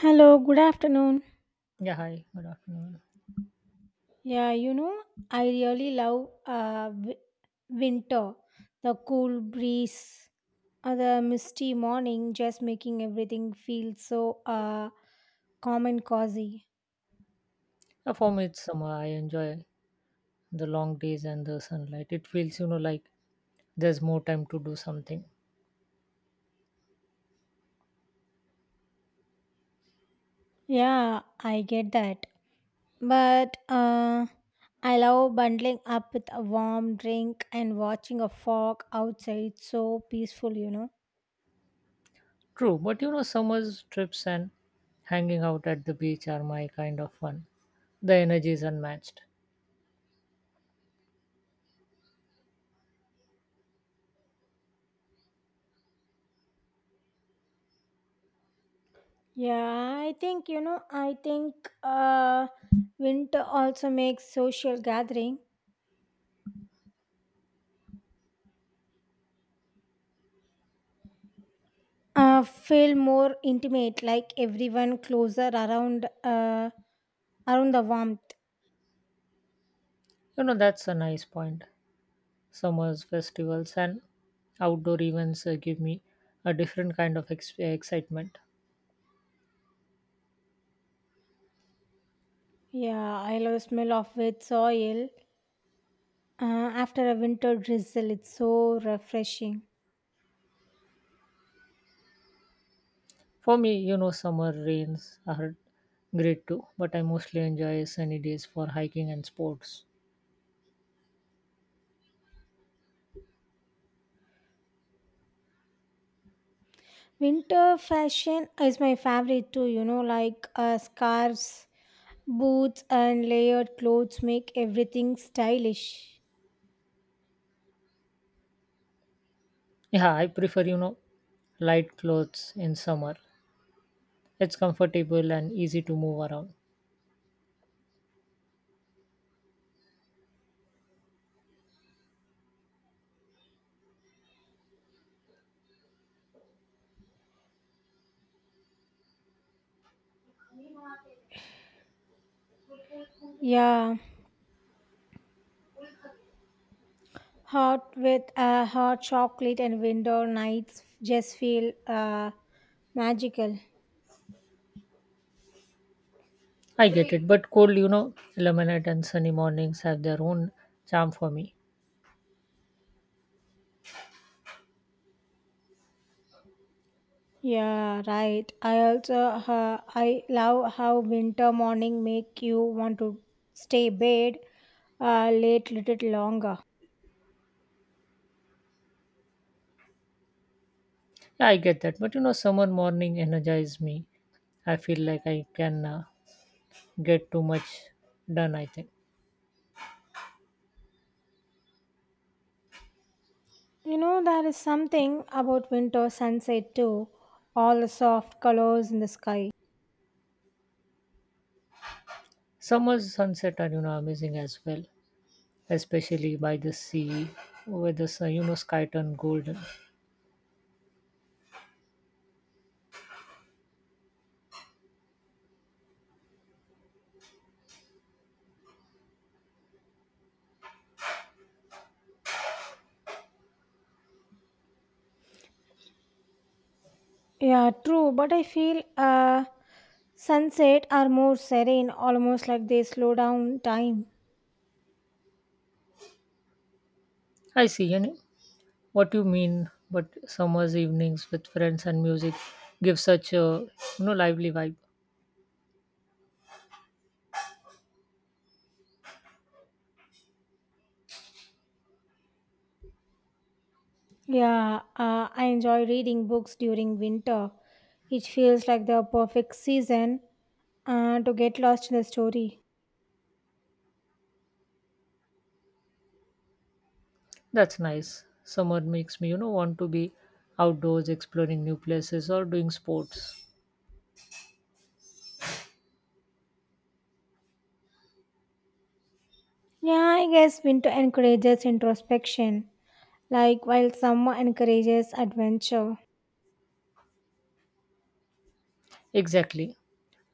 Hello, good afternoon. Yeah, hi, good afternoon. Yeah, I really love winter. The cool breeze, the misty morning, just making everything feel so calm and cozy. For me, it's summer. I enjoy the long days and the sunlight. It feels, like there's more time to do something. Yeah, I get that. But I love bundling up with a warm drink and watching a fog outside. It's so peaceful. True, but summer's trips and hanging out at the beach are my kind of fun. The energy is unmatched. Yeah, I think winter also makes social gathering feel more intimate, like everyone closer around the warmth. You know, that's a nice point. Summer's festivals and outdoor events give me a different kind of excitement. Yeah, I love the smell of wet soil uh, after a winter drizzle. It's so refreshing. For me, summer rains are great too, but I mostly enjoy sunny days for hiking and sports. Winter fashion is my favorite too, you know, like scarves, boots, and layered clothes make everything stylish. Yeah, I prefer, light clothes in summer. It's comfortable and easy to move around. Yeah. Hot with hot chocolate and window nights just feel magical. I get it, but cold, lemonade and sunny mornings have their own charm for me. Yeah, right. I love how winter morning make you want to stay bed late little longer. Yeah, I get that, but summer morning energize me. I feel like I can get too much done, I think. You know there is something about winter sunset too. All the soft colors in the sky. Summer sunset are, amazing as well, especially by the sea where sky turn golden. Yeah, true. But I feel sunset are more serene, almost like they slow down time. I see, What you mean? But summers evenings with friends and music give such a lively vibe. Yeah, I enjoy reading books during winter. It feels like the perfect season to get lost in the story. That's nice. Summer makes me want to be outdoors, exploring new places, or doing sports. Yeah, I guess winter encourages introspection, like while summer encourages adventure. Exactly.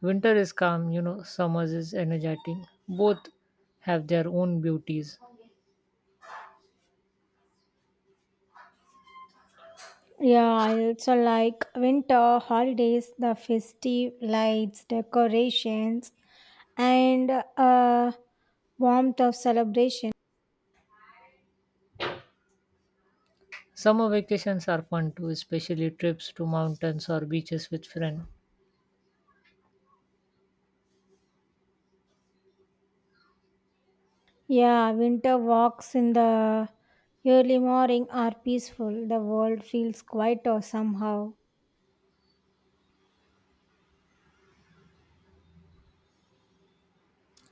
Winter is calm. You know, summers is energetic. Both have their own beauties. Yeah, I also like winter holidays, the festive lights, decorations, and uh, warmth of celebration. Summer vacations are fun too, especially trips to mountains or beaches with friends. Yeah, winter walks in the early morning are peaceful. The world feels quieter somehow.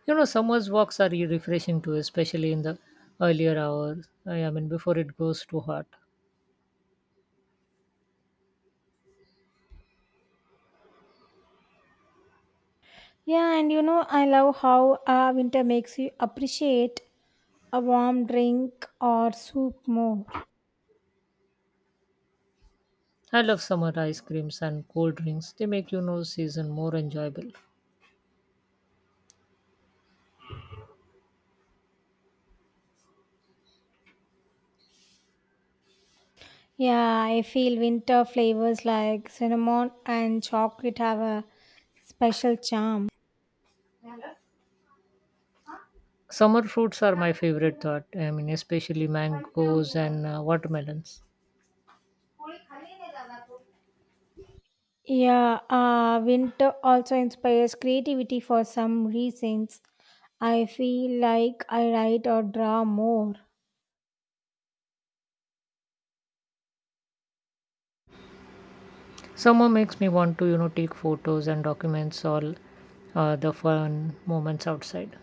You know, summer's walks are refreshing too, especially in the earlier hours. I mean, before it goes too hot. Yeah, and you know, I love how winter makes you appreciate a warm drink or soup more. I love summer ice creams and cold drinks. They make season more enjoyable. Yeah, I feel winter flavors like cinnamon and chocolate have a special charm. Summer fruits are my favorite thought. I mean, especially mangoes and watermelons. Yeah, winter also inspires creativity for some reasons. I feel like I write or draw more. Summer makes me want to take photos and documents all the fun moments outside.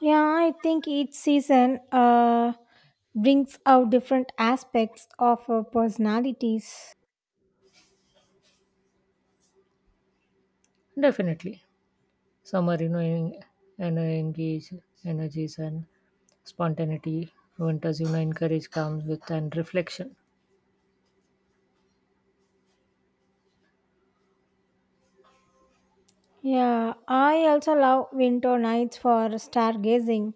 Yeah, I think each season brings out different aspects of our personalities. Definitely, summer you know en- and engage energies and spontaneity. Winters encourage calm with and reflection. Yeah, I also love winter nights for stargazing.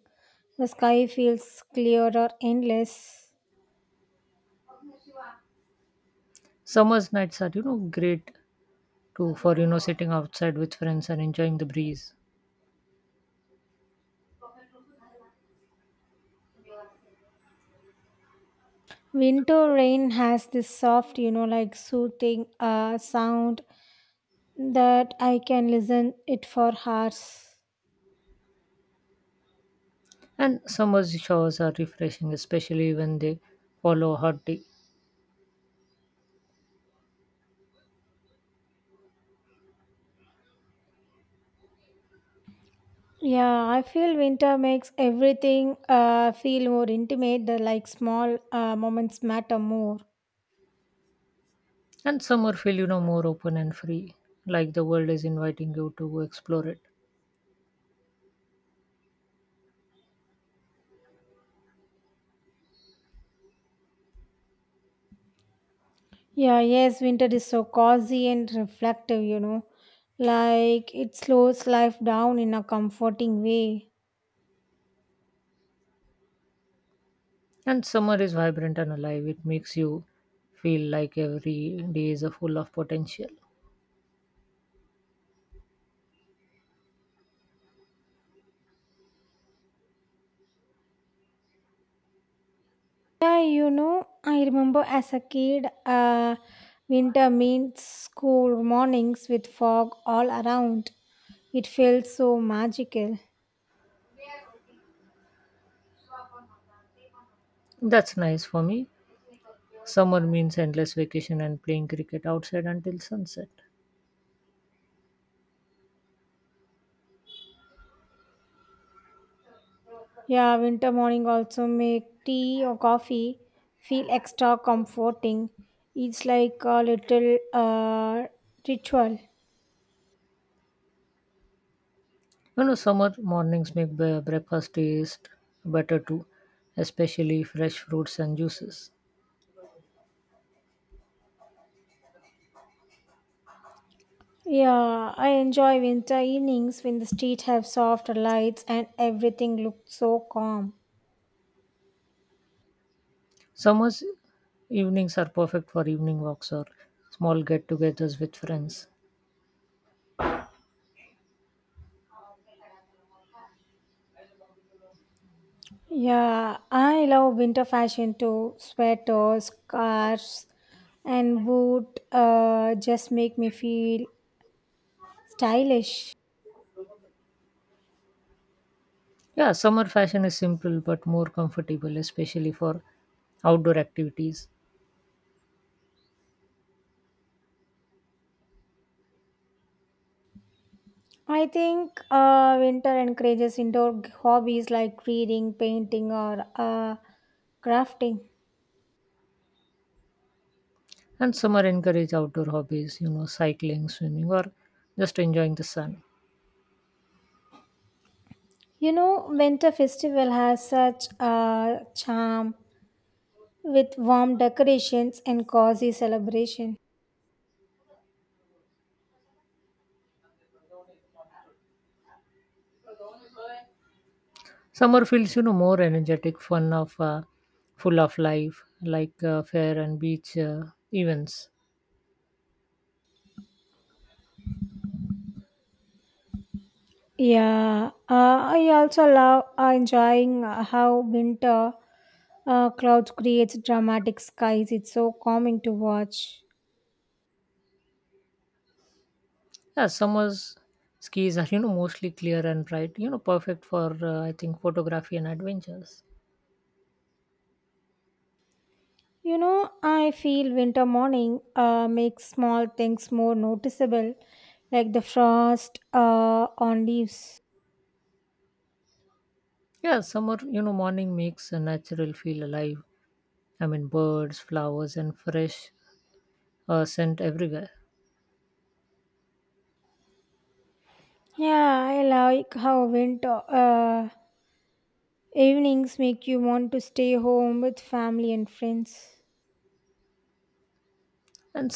The sky feels clearer, endless. Summer's nights are great to for sitting outside with friends and enjoying the breeze. Winter rain has this soft, you know, like soothing sound that I can listen it for hours. And summer showers are refreshing, especially when they follow a hot day. Yeah, I feel winter makes everything feel more intimate. The like small moments matter more. And summer feel, more open and free, like the world is inviting you to explore it. Yeah, yes, winter is so cozy and reflective, you know. Like it slows life down in a comforting way. And summer is vibrant and alive. It makes you feel like every day is a full of potential. Yeah, you know, I remember as a kid, winter means school mornings with fog all around. It felt so magical. That's nice. For me, summer means endless vacation and playing cricket outside until sunset. Yeah, winter morning also make tea or coffee feel extra comforting. It's like a little ritual. You know, summer mornings make breakfast taste better too, especially fresh fruits and juices. Yeah, I enjoy winter evenings when the street have softer lights and everything looks so calm. Summer's evenings are perfect for evening walks or small get togethers with friends. Yeah, I love winter fashion too. Sweaters, scarves, and boot just make me feel stylish. Yeah, summer fashion is simple but more comfortable, especially for outdoor activities. I think winter encourages indoor hobbies like reading, painting, or crafting. And summer encourage outdoor hobbies, you know, cycling, swimming, or just enjoying the sun. You know, winter festival has such a charm with warm decorations and cozy celebration. Summer feels, more energetic, fun of, full of life, like fair and beach events. Yeah, I also love enjoying how winter clouds creates dramatic skies. It's so calming to watch. Yeah, summer's skis are mostly clear and bright. You know, perfect for I think photography and adventures. You know, I feel winter morning makes small things more noticeable, like the frost on leaves. Yeah, summer morning makes a natural feel alive. I mean, birds, flowers, and fresh scent everywhere. Yeah, I like how winter evenings make you want to stay home with family and friends. And